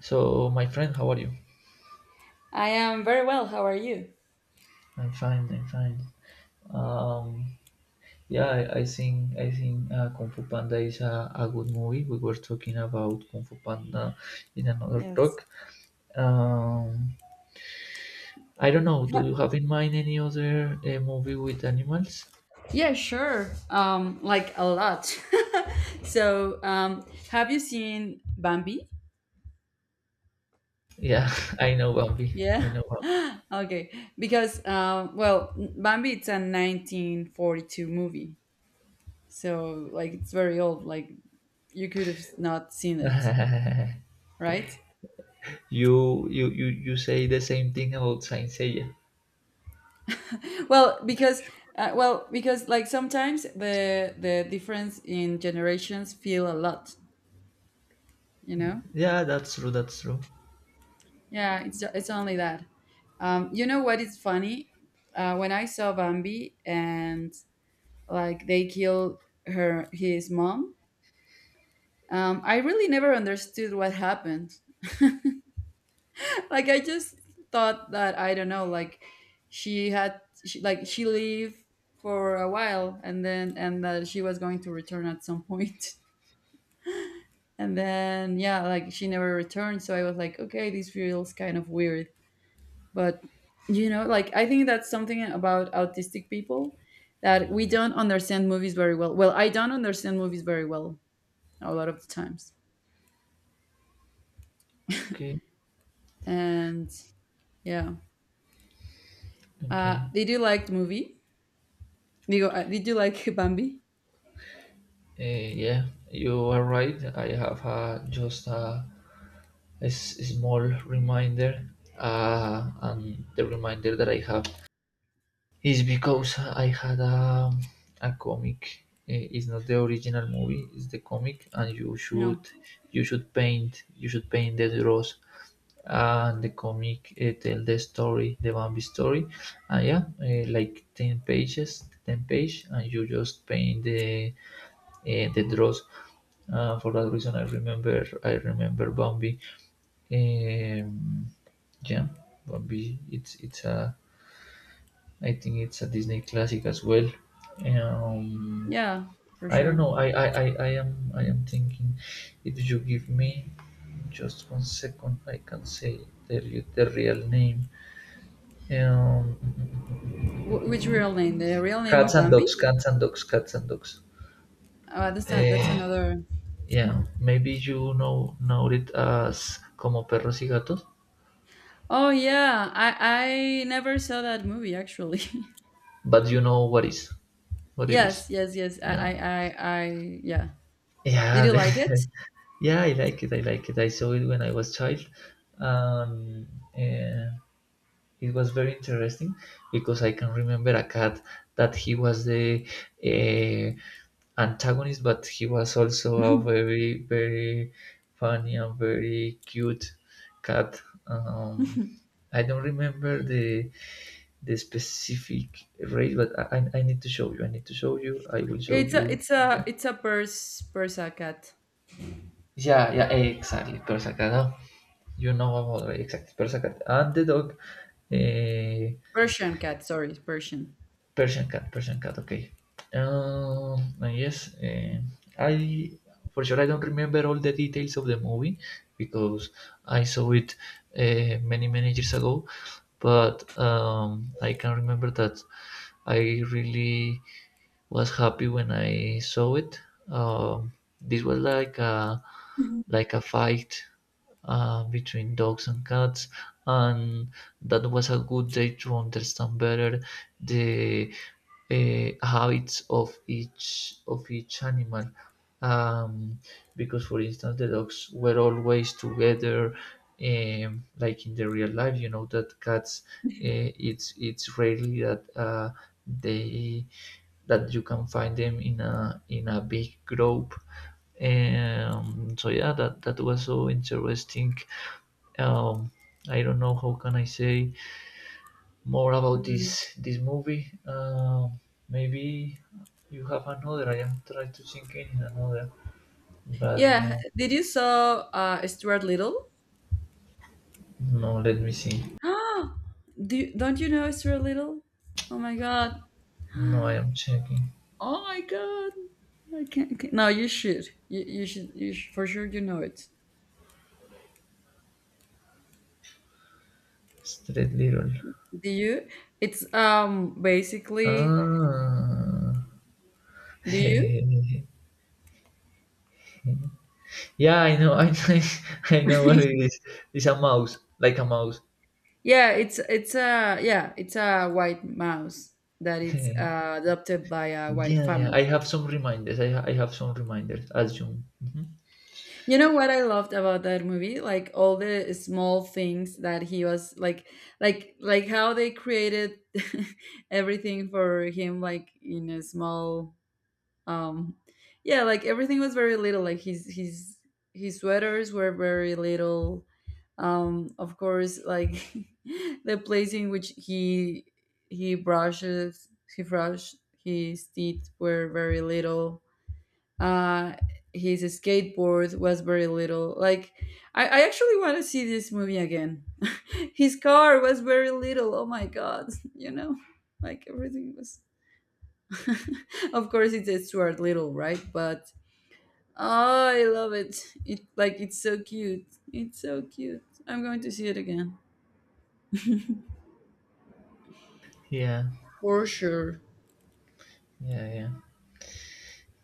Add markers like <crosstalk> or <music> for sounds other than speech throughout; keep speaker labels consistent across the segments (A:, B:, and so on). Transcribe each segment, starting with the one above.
A: So, my friend, how are you?
B: I am very well. How are you?
A: I'm fine. I'm fine. Um, yeah, I think Kung Fu Panda is a good movie. We were talking about Kung Fu Panda in another talk.
B: Yes.
A: Um, I don't know. Do
B: Ha-
A: you have in mind any other movie with animals?
B: Yeah, sure. Like a lot. <laughs> So, have you seen Bambi?
A: Yeah, <laughs> I know Bambi. I
B: Yeah.
A: know Bambi.
B: <laughs> Okay. Because, well, Bambi it's a 1942 movie. So, like, it's very old. Like, you could have not seen it,
A: <laughs>
B: right?
A: You say the same thing about Saint Seiya.
B: Well, because like sometimes the difference in generations feel a lot, you know?
A: Yeah, that's true. That's true.
B: Yeah, it's only that. You know what is funny? When I saw Bambi and like they killed her his mom, I really never understood what happened. <laughs> Like I just thought that, I don't know, like like she lived for a while and then and that she was going to return at some point. <laughs> And then yeah, like she never returned, so I was like, okay, this feels kind of weird. But like I think that's something about autistic people that we don't understand movies very well. Well, I don't understand movies very well a lot of the times.
A: Okay.
B: And yeah,
A: Okay.
B: did you like the movie? Digo, did you like <laughs> Bambi?
A: Yeah, you are right. I have just small reminder, and the reminder that I have is because I had a comic. It's not the original movie; it's the comic, and you should
B: No.
A: you should paint you should paint the draws. And the comic tell the story, the Bambi story, and yeah, like ten pages, ten page, and you just paint the draws. For that reason, I remember Bambi. Um, yeah, Bambi. It's a I think it's a Disney classic as well. Um,
B: Yeah, for
A: I don't
B: sure.
A: know. I am thinking. If you give me just 1 second, I can say tell you the real name. Um,
B: Which real name, the real name
A: cats
B: of
A: and
B: Bambi?
A: dogs. Cats and dogs. Cats and dogs.
B: That's
A: Eh,
B: another.
A: yeah, maybe you know it as como perros y gatos.
B: Oh yeah, I never saw that movie actually.
A: But you know what is
B: <laughs>
A: what it is.
B: Yes, yes, yes,
A: Yeah,
B: I, I, yeah. Did
A: yeah.
B: you like it?
A: <laughs> Yeah, I like it. I like it. I saw it when I was child. um eh, it was very interesting because I can remember a cat that he was the uh, antagonist, but he was also a
B: <laughs>
A: very very funny and very cute cat. um I don't remember the specific race, but I need to show you. I need to show you. I will show
B: It's a
A: you
B: it's a
A: then.
B: it's a Persa cat.
A: Yeah, yeah, exactly. Persa cat. Huh? You know about it, exactly Persa cat and the dog. eh,
B: Persian cat, sorry, Persian.
A: Persian cat. Persian cat. Okay. Um. And yes. I for sure I don't remember all the details of the movie because I saw it many many years ago. But I can remember that I really was happy when I saw it. Um, this was like a fight between dogs and cats, and that was a good day to understand better the habits of each animal. Um, because, for instance, the dogs were always together like in the real life. You know that cats, it's rarely that they that you can find them in a big group. So yeah, that was so interesting. Um, I don't know how can I say more about
B: Mm.
A: this movie. Maybe you have another. I am trying to think in another, but
B: Yeah.
A: no,
B: Did you saw Stuart Little?
A: no. Let me see.
B: <gasps> Don't you know Stuart Little? Oh my god.
A: No, I
B: <gasps>
A: am checking.
B: Oh my god. I can't- No, you should. You should. You should, for sure. You know it.
A: Straight little.
B: Do you? It's basically.
A: Ah.
B: Do you?
A: <laughs> Yeah, I know, <laughs> I know what it
B: <laughs>
A: is. It's a mouse, like a mouse.
B: Yeah, it's a white mouse that it's
A: <laughs>
B: adopted by a white
A: Yeah, yeah. I
B: family.
A: have some reminders. I have some reminders. Assume. Hmm.
B: You know what I loved about that movie? Like all the small things that he was like, like how they created <laughs> everything for him, like in a small, um yeah, like everything was very little. Like his sweaters were very little, of course, like <laughs> the place in which he brushes he brushed his teeth were very little, uh his skateboard was very little. Like I actually want to see this movie again. <laughs> His car was very little, oh my god, <laughs> you know like everything was, <laughs> of course, it's Stuart Little, right? But, oh, I love it. It, like, it's so cute. It's so cute. I'm going to see it again
A: Yeah,
B: for sure.
A: yeah, yeah.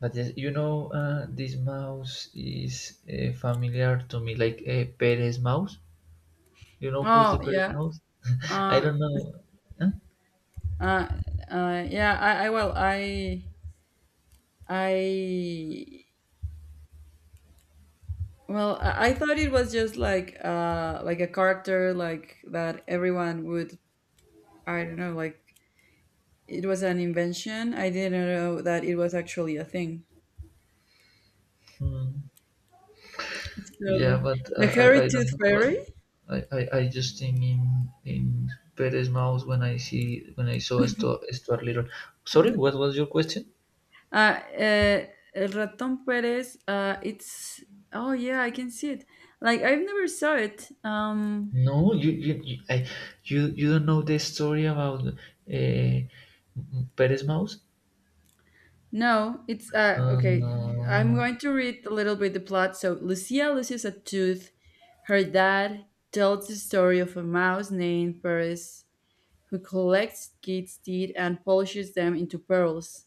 A: But yes, you know, this mouse is familiar to me, like a Perez mouse. You know who is the
B: Oh
A: Perez
B: yeah.
A: mouse? I
B: Uh,
A: don't know. Huh?
B: uh, yeah. I, I thought it was just like a character like that everyone would. I don't know. Like it was an invention. I didn't know that it was actually a thing.
A: Hmm. Yeah,
B: So
A: but I,
B: the
A: I, I
B: hairy
A: don't
B: tooth
A: know, but
B: fairy.
A: I just think in Perez Mouse when I see when I saw Stuart, Stuart Little. Sorry, what was your question?
B: Uh, uh, El Ratón Pérez. It's Oh yeah, I can see it. Like I've never saw it.
A: No, you, I, you don't know the story about Perez Mouse?
B: No, it's okay. I'm
A: No.
B: going to read a little bit the plot. So Lucia loses a tooth. Her dad tells the story of a mouse named Pérez who collects kids' teeth and polishes them into pearls.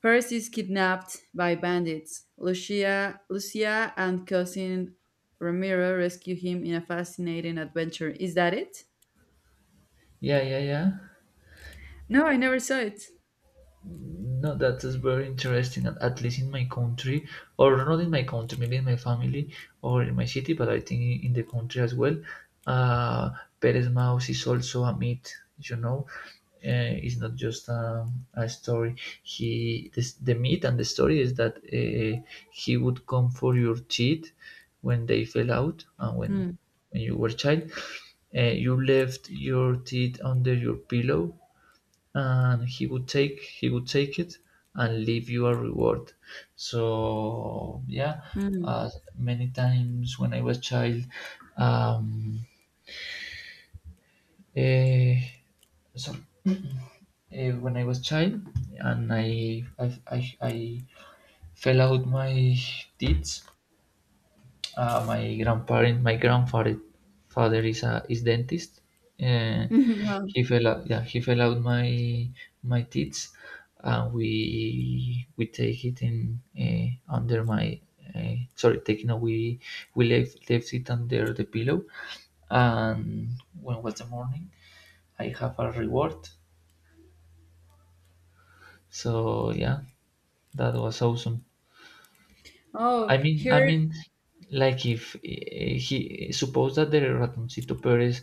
B: Paris is kidnapped by bandits. Lucia and cousin Ramiro rescue him in a fascinating adventure. Is that it?
A: Yeah, yeah, yeah.
B: No, I never saw it.
A: No, that is very interesting, and at least in my country, or not in my country, maybe in my family or in my city, but I think in the country as well. Uh, Perez Mouse is also a myth, you know. It's not just a story. He this, the myth and the story is that he would come for your teeth when they fell out and when
B: Mm,
A: when you were a child. You left your teeth under your pillow and he would take it and leave you a reward. So yeah,
B: mm.
A: uh, many times when I was child. um eh, sorry, when I was child and I fell out my teeth. My grandparent, my grandfather, father is a is dentist. Uh,
B: <laughs> No.
A: he fell out. Yeah, he fell out my my teeth, and we take it in under my sorry taking no, we left it under the pillow, and when was the morning, I have a reward. So yeah, that was awesome. I
B: Oh,
A: mean, I
B: here.
A: mean, like if he suppose that the ratoncito Perez,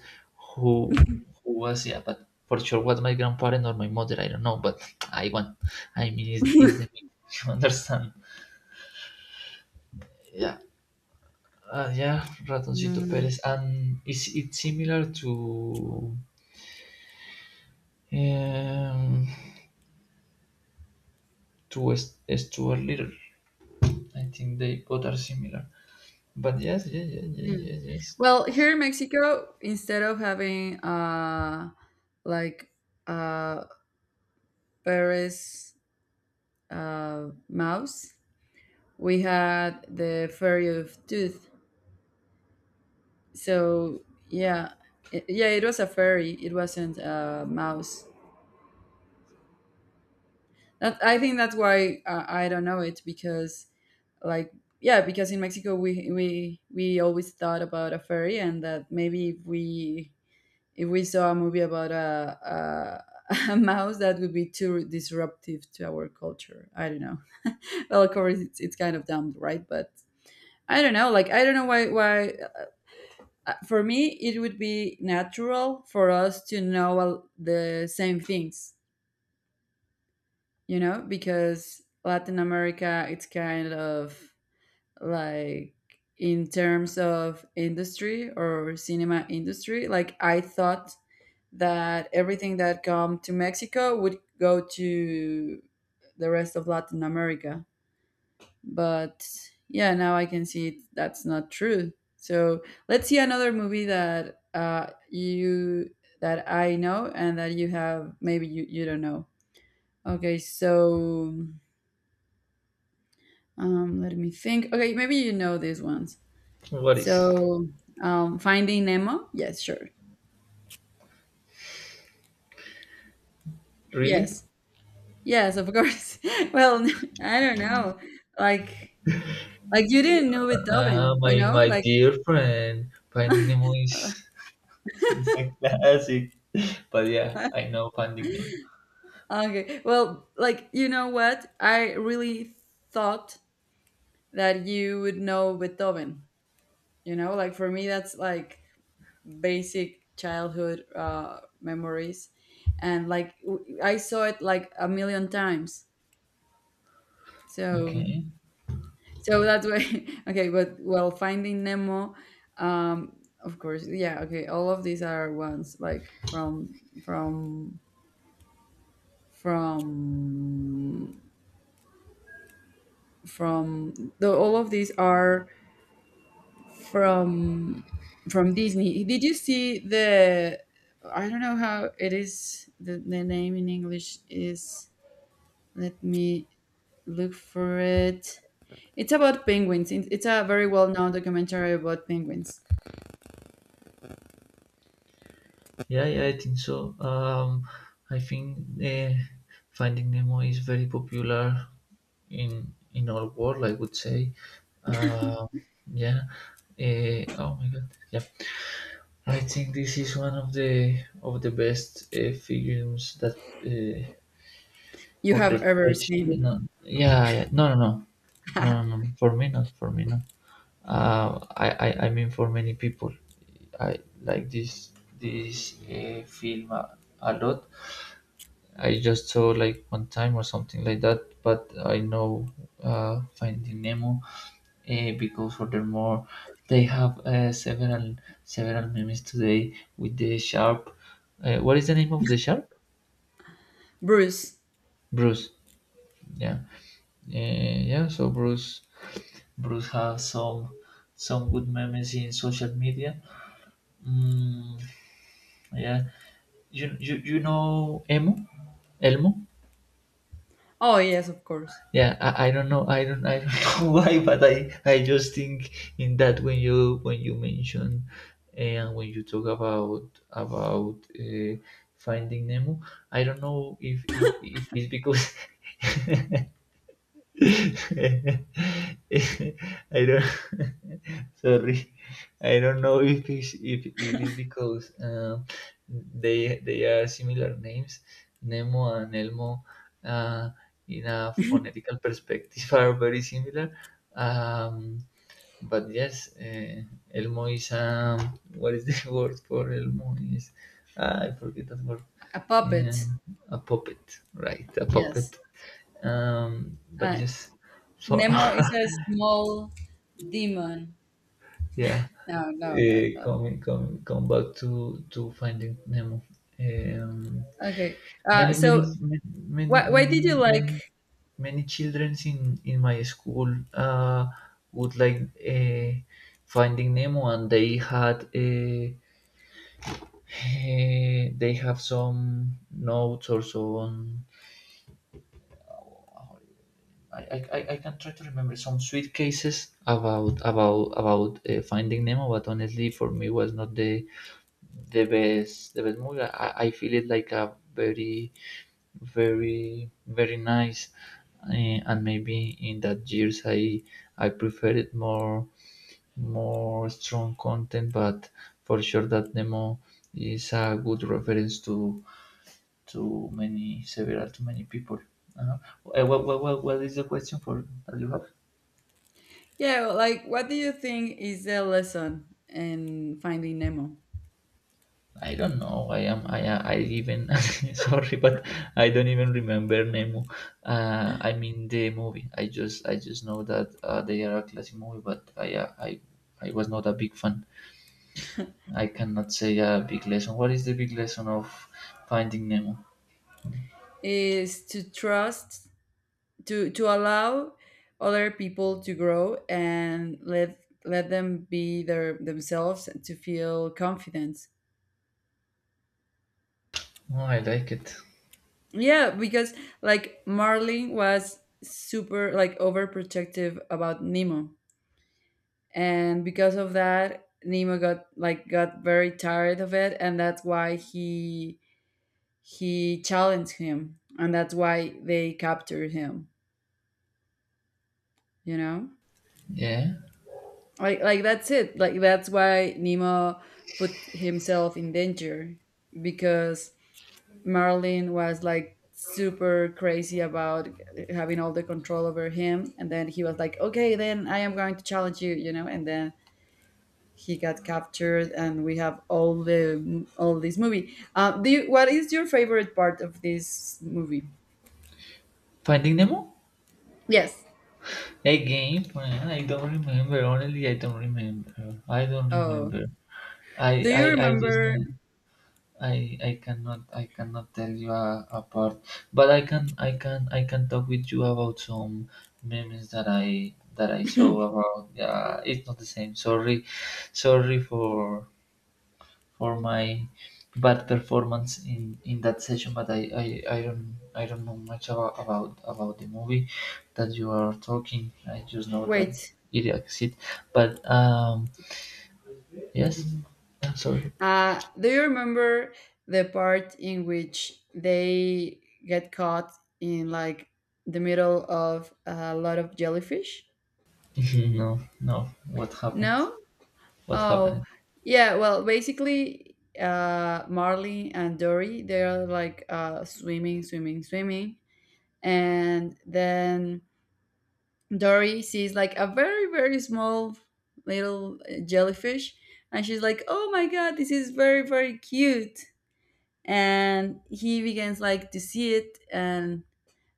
A: who who was yeah, but for sure was my grandparent or my mother, I don't know, but I want. I mean, is the meat,
B: <laughs>
A: <laughs> you understand? Yeah, yeah, ratoncito
B: Mm,
A: Perez, and is it similar um to Stuart Little? I think they both are similar. But yes, yes, yes, yes,
B: mm.
A: yes, yes.
B: Well, here in Mexico, instead of having like uh, Paris mouse, we had the Fairy of Tooth. So yeah, yeah, it was a fairy, it wasn't a mouse. That, I think that's why, I don't know it, because, like, yeah, because in Mexico we always thought about a fairy, and that maybe if we saw a movie about <laughs> a mouse, that would be too disruptive to our culture, I don't know. <laughs> Well, of course it's kind of dumb, right? But I don't know, like I don't know why. For me, it would be natural for us to know all the same things, because Latin America, it's kind of like, in terms of industry or cinema industry. Like I thought that everything that come to Mexico would go to the rest of Latin America. But yeah, now I can see it, that's not true. So let's see another movie, that I know and that you have, maybe you don't know. Okay, so, let me think. Okay, maybe you know these ones.
A: What is
B: So, Finding Nemo? Yes, sure.
A: really?
B: Yes, yes, of course. <laughs> Well, <laughs> I don't know, like like you didn't know
A: Ah,
B: Beethoven,
A: my
B: you know,
A: my
B: like.
A: dear friend, Finding Nemo is <laughs> a classic. But yeah, I
B: <laughs>
A: know Finding Nemo.
B: Okay. Well, like, you know what? I really thought that you would know Beethoven. You know, like for me, that's like basic childhood memories. And like, I saw it like a million times. So,
A: Okay.
B: so that's why, <laughs> okay. But well, Finding Nemo, um, of course, yeah, okay. All of these are ones like from, from, the, all of these are from from Disney. Did you see the? I don't know how it is. The name in English is, let me look for it. It's about penguins. It's a very well known documentary about penguins
A: Yeah, yeah, I think so. I think Finding Nemo is very popular in our world, I would say. Uh, yeah. Oh my god. Yeah. I think this is one of the best films that
B: you
A: for
B: have
A: the
B: ever
A: PhD,
B: seen.
A: no, yeah, yeah, no, no, no, no, no, no. For me, not. For me, not. I mean, for many people, I like this film a lot. I just saw like one time or something like that, but I know Finding Nemo because furthermore they have several memes today with the sharp. What is the name of the sharp?
B: <laughs> Bruce.
A: Bruce. Yeah. Yeah. So Bruce has some good memes in social media. Mm, yeah, you, you know Emo Elmo.
B: Oh yes, of course.
A: Yeah, I don't <laughs> know why, but I just think in that when you mention and when you talk about finding Nemo, I don't know if it's because <laughs> <laughs> I don't <laughs> sorry. I don't know if if it is because they are similar names, Nemo and Elmo, uh, in a phonetical perspective <laughs> are very similar. Um, but yes, Elmo is what is the <laughs> word for Elmo is ah, I forget that word.
B: A puppet.
A: Um, a puppet, right? A puppet
B: Yes.
A: but
B: Uh,
A: just so
B: Nemo is a
A: <laughs>
B: small demon.
A: yeah.
B: No, no, no, no.
A: Coming coming come back to finding Nemo. um
B: Okay.
A: many many
B: So
A: many
B: why did you
A: many many
B: like,
A: many children in my school uh would like uh, finding Nemo and they had they have some notes or so on. I can try to remember some sweet cases about Finding Nemo, but honestly, for me, was not the the best movie. I feel it like a very very very nice, uh, and maybe in that years I preferred it more more strong content, but for sure that Nemo is a good reference to many several to many people. Uh-huh. What is the question for that you have?
B: yeah, like what do you think is the lesson in Finding Nemo?
A: I don't know. I am. I. I even. <laughs> sorry, but I don't even remember Nemo. I mean the movie. I just. I just know that they are a classic movie, but I. I was not a big fan. I cannot say a big lesson. What is the big lesson of Finding Nemo?
B: Is to trust, to allow other people to grow, and let them be their themselves and to feel confidence.
A: Oh, I like it.
B: Yeah, because like Marlin was super like overprotective about Nemo, and because of that, Nemo got, like, got very tired of it, and that's why he challenged him and that's why they captured him, you know
A: Yeah,
B: like that's it, like that's why Nemo put himself in danger, because Marlin was like super crazy about having all the control over him, and then he was like, okay, then I am going to challenge you, you know and then he got captured and we have all the all this movie. What is your favorite part of this movie?
A: Finding Nemo.
B: Yes.
A: Again, man, I don't remember. Honestly, I don't remember. I don't
B: Oh,
A: remember.
B: do you
A: I just
B: remember
A: know. I cannot tell you apart, but I can talk with you about some memes that I saw about. Yeah, it's not the same. Sorry, sorry for my bad performance in that session, but I don't know much about the movie that you are talking. I just know that
B: Wait,
A: it exists, but yes, I'm sorry.
B: do you remember the part in which they get caught in like the middle of a lot of jellyfish?
A: <laughs> no no, what happened?
B: No?
A: What
B: Oh,
A: happened?
B: yeah. Well, basically, Marley and Dory, they're like, swimming, swimming, swimming. And then Dory sees like a very, very small little, jellyfish. And she's like, oh my God, this is very, very cute. And he begins like to see it, and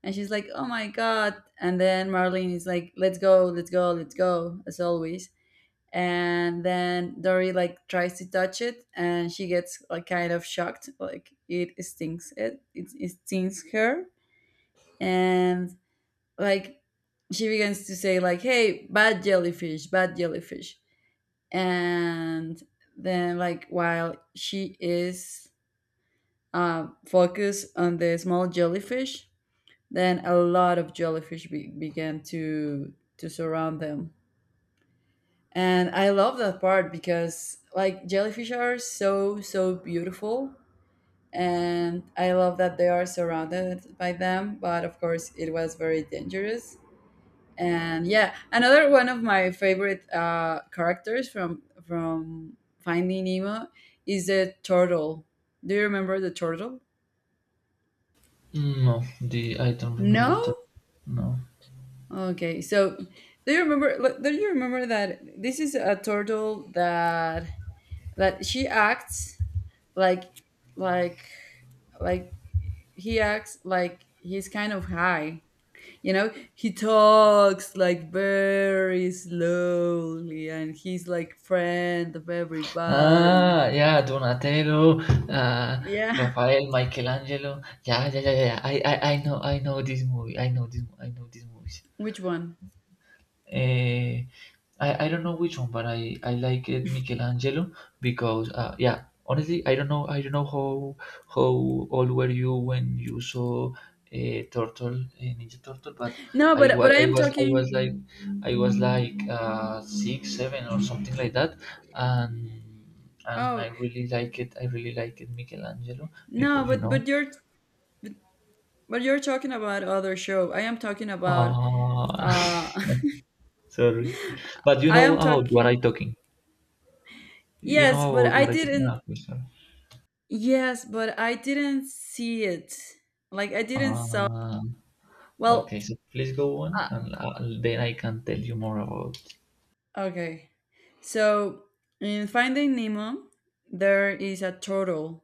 B: and she's like, oh my god. And then Marlene is like, let's go, let's go, let's go, as always. And then Dory like tries to touch it, and she gets like kind of shocked, like it stings it, stings her. And like she begins to say like, hey, bad jellyfish, bad jellyfish. And then, like, while she is, focus on the small jellyfish, then a lot of jellyfish began to surround them. And I love that part because like jellyfish are so so beautiful, and I love that they are surrounded by them, but of course it was very dangerous. And yeah, another one of my favorite, characters from Finding Nemo is the turtle. Do you remember the turtle?
A: No, the I don't remember
B: No?
A: that. No.
B: Okay, so Do you remember that this is a turtle that, she acts like like like he acts like he's kind of high. You know, he talks like very slowly, and he's like friend of everybody.
A: Ah, yeah, Donatello, uh,
B: Yeah,
A: Raphael, Michelangelo. Yeah, yeah, yeah, yeah, yeah. I know this movie. I know this movie.
B: <laughs> which one?
A: Uh, I don't know which one, but I like it Michelangelo because yeah, honestly, I don't know how old were you when you saw a turtle, a Ninja Turtle, but
B: No,
A: I,
B: but
A: wa-
B: but I am talking.
A: I was like six, seven or something like that, and and I
B: Oh
A: really like it. I really like it Michelangelo
B: no,
A: because you
B: but
A: know.
B: but you're but you're talking about other show. I am talking about
A: Uh,
B: uh <laughs>
A: <laughs> sorry, but you
B: I
A: know
B: am
A: how what I
B: talking.
A: talking. You know
B: Yes, but
A: about
B: I
A: what I think? Ah,
B: didn't.
A: okay, sorry.
B: Yes, but I didn't see it. Like I didn't saw.
A: Ah,
B: Well,
A: okay, so please go on,
B: uh,
A: and then I can tell you more about.
B: okay. So in Finding Nemo, there is a turtle,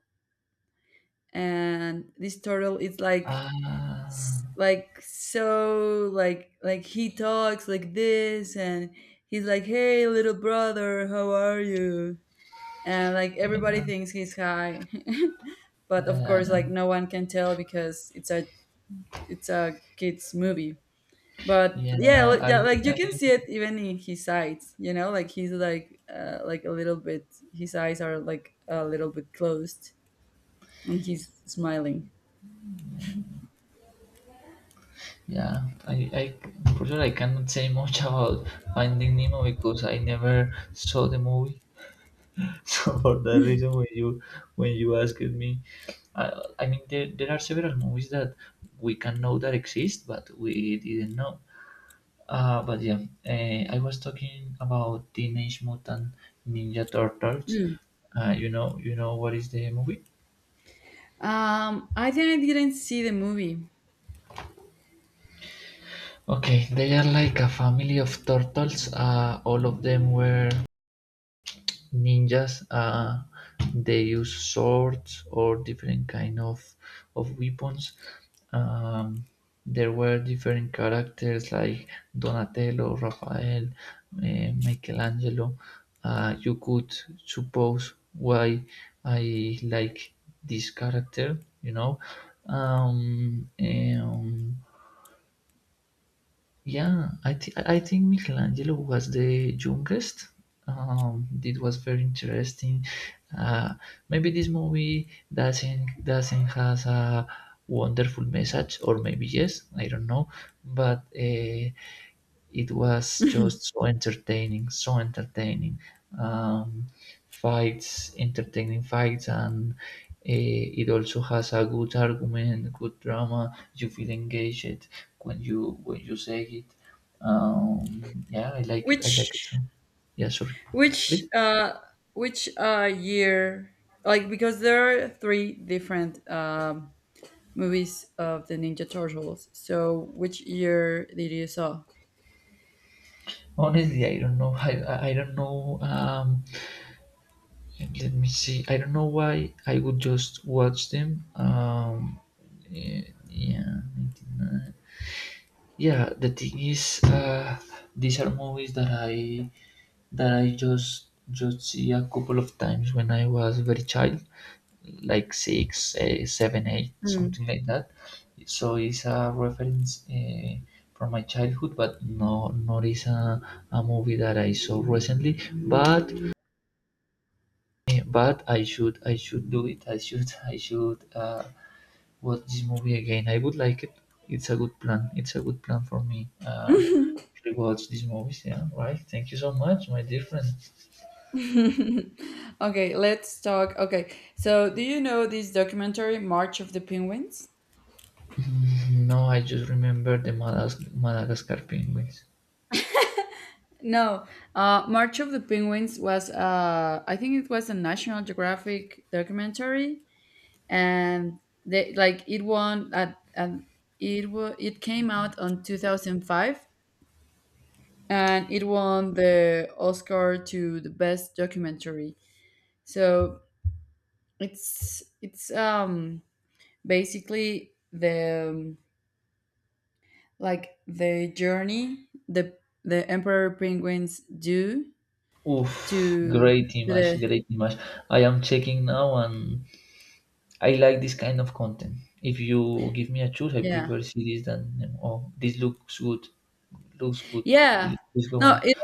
B: and this turtle is like,
A: Ah,
B: like so, like he talks like this, and he's like, "Hey, little brother, how are you?" And like
A: yeah,
B: everybody thinks he's high, <laughs> but of
A: yeah,
B: course,
A: yeah,
B: like, no one can tell because it's a kids movie. But
A: yeah,
B: yeah, yeah, like you
A: I,
B: can see it even in his eyes, like he's like, like a little bit, his eyes are like a little bit closed and he's smiling.
A: yeah, I, I, for sure, I cannot say much <laughs> about Finding Nemo because I never saw the movie. <laughs> So for that reason, when you asked me, I, I mean, there are several movies that we can know that exist, but we didn't know. But yeah, I was talking about Teenage Mutant Ninja Turtles.
B: Mm.
A: You know what is the movie?
B: I think I didn't see the movie.
A: Okay, they are like a family of turtles. All of them were ninjas, they use swords or different kind of weapons. um, there were different characters like Donatello, Raphael, Michelangelo. Uh, you could suppose why I like this character, you know. um, um, yeah, I think Michelangelo was the youngest. It was very interesting. Uh, maybe this movie doesn't has a wonderful message, or maybe yes, I don't know. But it was just so entertaining, so entertaining. Um, fights, entertaining fights, and it also has a good argument, good drama. You feel engaged when you say it. Yeah, I like it. I like it so.
B: which
A: Yeah, sorry.
B: which
A: Please.
B: uh which uh year? Like because there are three different, movies of the Ninja Turtles. So, which year did you saw?
A: Honestly, I don't know. I don't know. Let me see. I don't know why I would just watch them. Eh, yeah, 99. Yeah, the thing is, these are movies that I just see a couple of times when I was very child, like six, seven, eight,
B: Hmm.
A: something like that. So it's a reference from my childhood, but no, not is a movie that I saw recently. But but I should do it. I should <laughs> I should watch this movie again. I would like it. It's a good plan. It's a good plan for me.
B: <laughs>
A: Actually watch these movies. Yeah, right. Thank you so much, my dear friend. <laughs>
B: Okay, let's talk. Okay, so do you know this documentary, March of the Penguins?
A: Mm, now I just remember the Madagascar penguins.
B: No, March of the Penguins was, I think it was a National Geographic documentary, and they, like, it won at, and it came out on 2005, and it won the Oscar to the best documentary. So it's basically the, like the journey, the emperor penguins do
A: Oof,
B: to
A: great
B: to
A: image,
B: the,
A: great image. I am checking now, and I like this kind of content. If you give me a choice, I
B: yeah,
A: prefer series than, oh, this looks good, looks good.
B: yeah.
A: Please, please go on.
B: No, it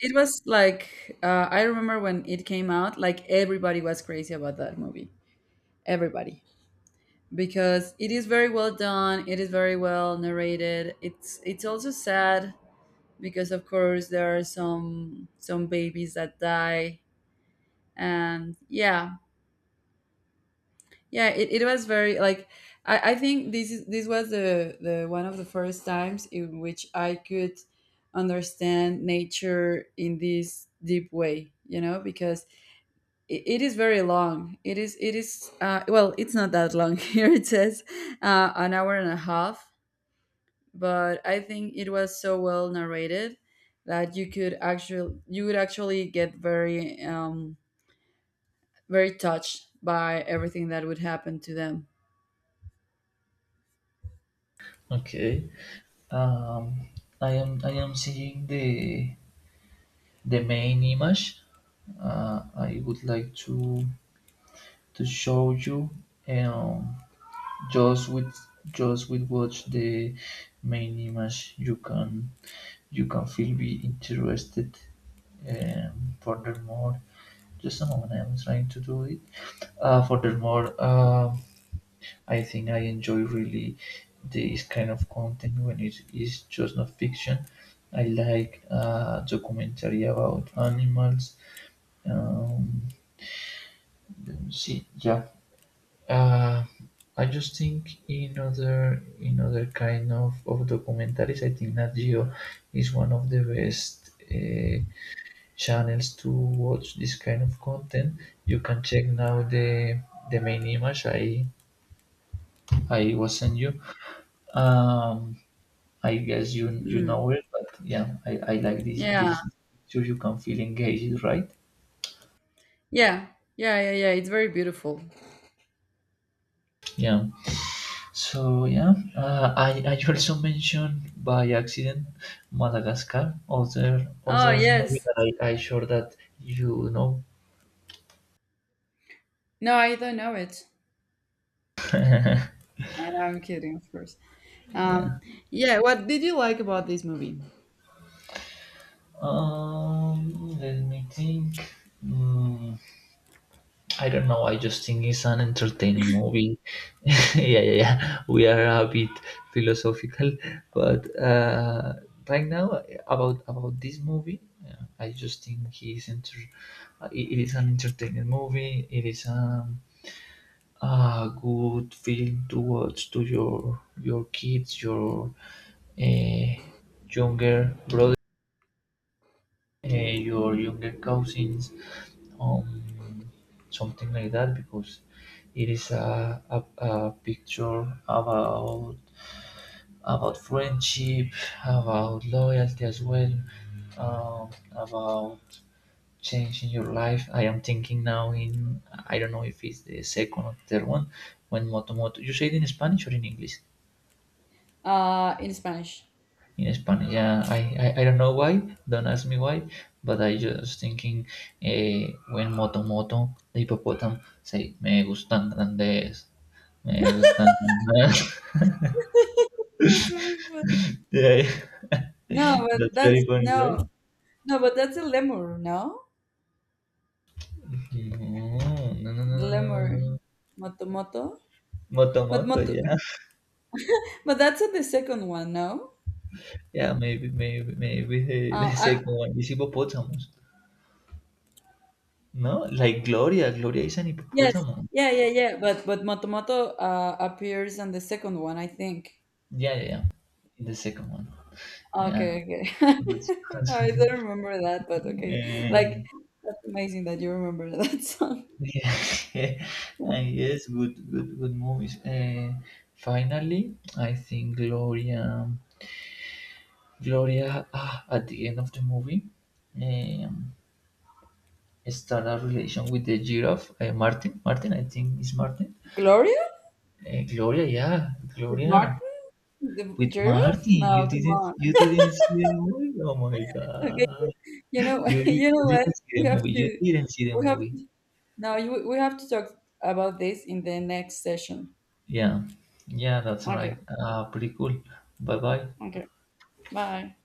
B: it was like, I remember when it came out, like everybody was crazy about that movie, everybody, because it is very well done, it is very well narrated, it's also sad, because of course there are some babies that die. And yeah, yeah, it was very like, I think this was the one of the first times in which I could understand nature in this deep way, because it is very long, it is, well, it's not that long, <laughs> here it says, an hour and a half. But I think it was so well narrated that you would actually get very, very touched by everything that would happen to them.
A: Okay. Um, I am seeing the main image. I would like to show you, um, just with just with watch the main image, you can feel be interested. Um, furthermore, just a moment, I'm trying to do it. Uh, furthermore, um, I think I enjoy really this kind of content when it is just not fiction. I like, documentary about animals, um, see, yeah. Uh, I just think in other kind of documentaries, I think Nat Geo is one of the best channels to watch this kind of content. You can check now the main image I was sent you. Um, I guess you you
B: Mm.
A: know it, but yeah, I like this
B: Yeah.
A: this picture. You can feel engaged, right?
B: Yeah. Yeah. Yeah. Yeah. It's very beautiful.
A: Yeah. So yeah, I also mentioned by accident Madagascar, other
B: Oh,
A: other movie
B: yes.
A: that I sure that you know.
B: No, I don't know it. I know, I'm kidding, of course.
A: Yeah.
B: Um, yeah. What did you like about this movie?
A: Let me think. Mm, I don't know. I just think it's an entertaining movie. <laughs> Yeah, yeah, yeah. We are a bit philosophical, but right now about this movie, yeah, I just think he is enter. Uh, it, it is an entertaining movie. It is, um, a good film to watch to your kids, your, uh, younger brother, your younger cousins, um, something like that, because it is a picture about friendship, about loyalty as well, about change in your life. I am thinking now in, I don't know if it's the second or third one, when Moto Moto. You say it in Spanish or in English?
B: In Spanish.
A: In Spanish, yeah. I, I don't know why. Don't ask me why. But I just thinking, when Moto Moto the hippopotam say me gustan grandes. Me gustan grandes.
B: That's very fun.
A: <laughs> Yeah,
B: No, but
A: that's very
B: that's,
A: funny, right?
B: no, no, but that's a lemur, no?
A: No, no, no, no,
B: The
A: no, no,
B: lemur,
A: no, no.
B: moto moto.
A: Moto
B: But
A: Moto,
B: moto,
A: yeah,
B: but that's the second one, no?
A: yeah. Maybe, maybe, maybe,
B: Uh,
A: the
B: I,
A: second one is hippopotamus. No, like Gloria. Gloria is an
B: yes,
A: hippopotamus.
B: yeah, yeah, yeah. But moto moto, appears on the second one, I think.
A: Yeah, yeah, yeah. In the second one. Yeah.
B: Okay, okay. <laughs> No,
A: That's,
B: I don't remember that, but
A: <laughs>
B: okay.
A: Eh,
B: Like, that's amazing that you remember that, <laughs> song.
A: yeah. <laughs> And yes, good, good, good movies. Eh, finally, I think Gloria, Gloria, ah, at the end of the movie, um, start a relation with the giraffe, Martin. Martin, I think is Martin.
B: Gloria
A: Eh, Gloria, yeah,
B: with
A: Gloria.
B: Martin, the
A: With
B: giraffe?
A: Martin,
B: No, come on.
A: you didn't see the movie? Oh my
B: Okay,
A: God.
B: <laughs> you
A: You
B: know what?
A: didn't see the
B: We have
A: movie. You
B: to,
A: didn't see the
B: we have
A: movie.
B: to, no, you, we have to talk about this in the next session.
A: Yeah. Yeah, that's right.
B: Okay,
A: Pretty cool. Bye bye.
B: okay. Bye.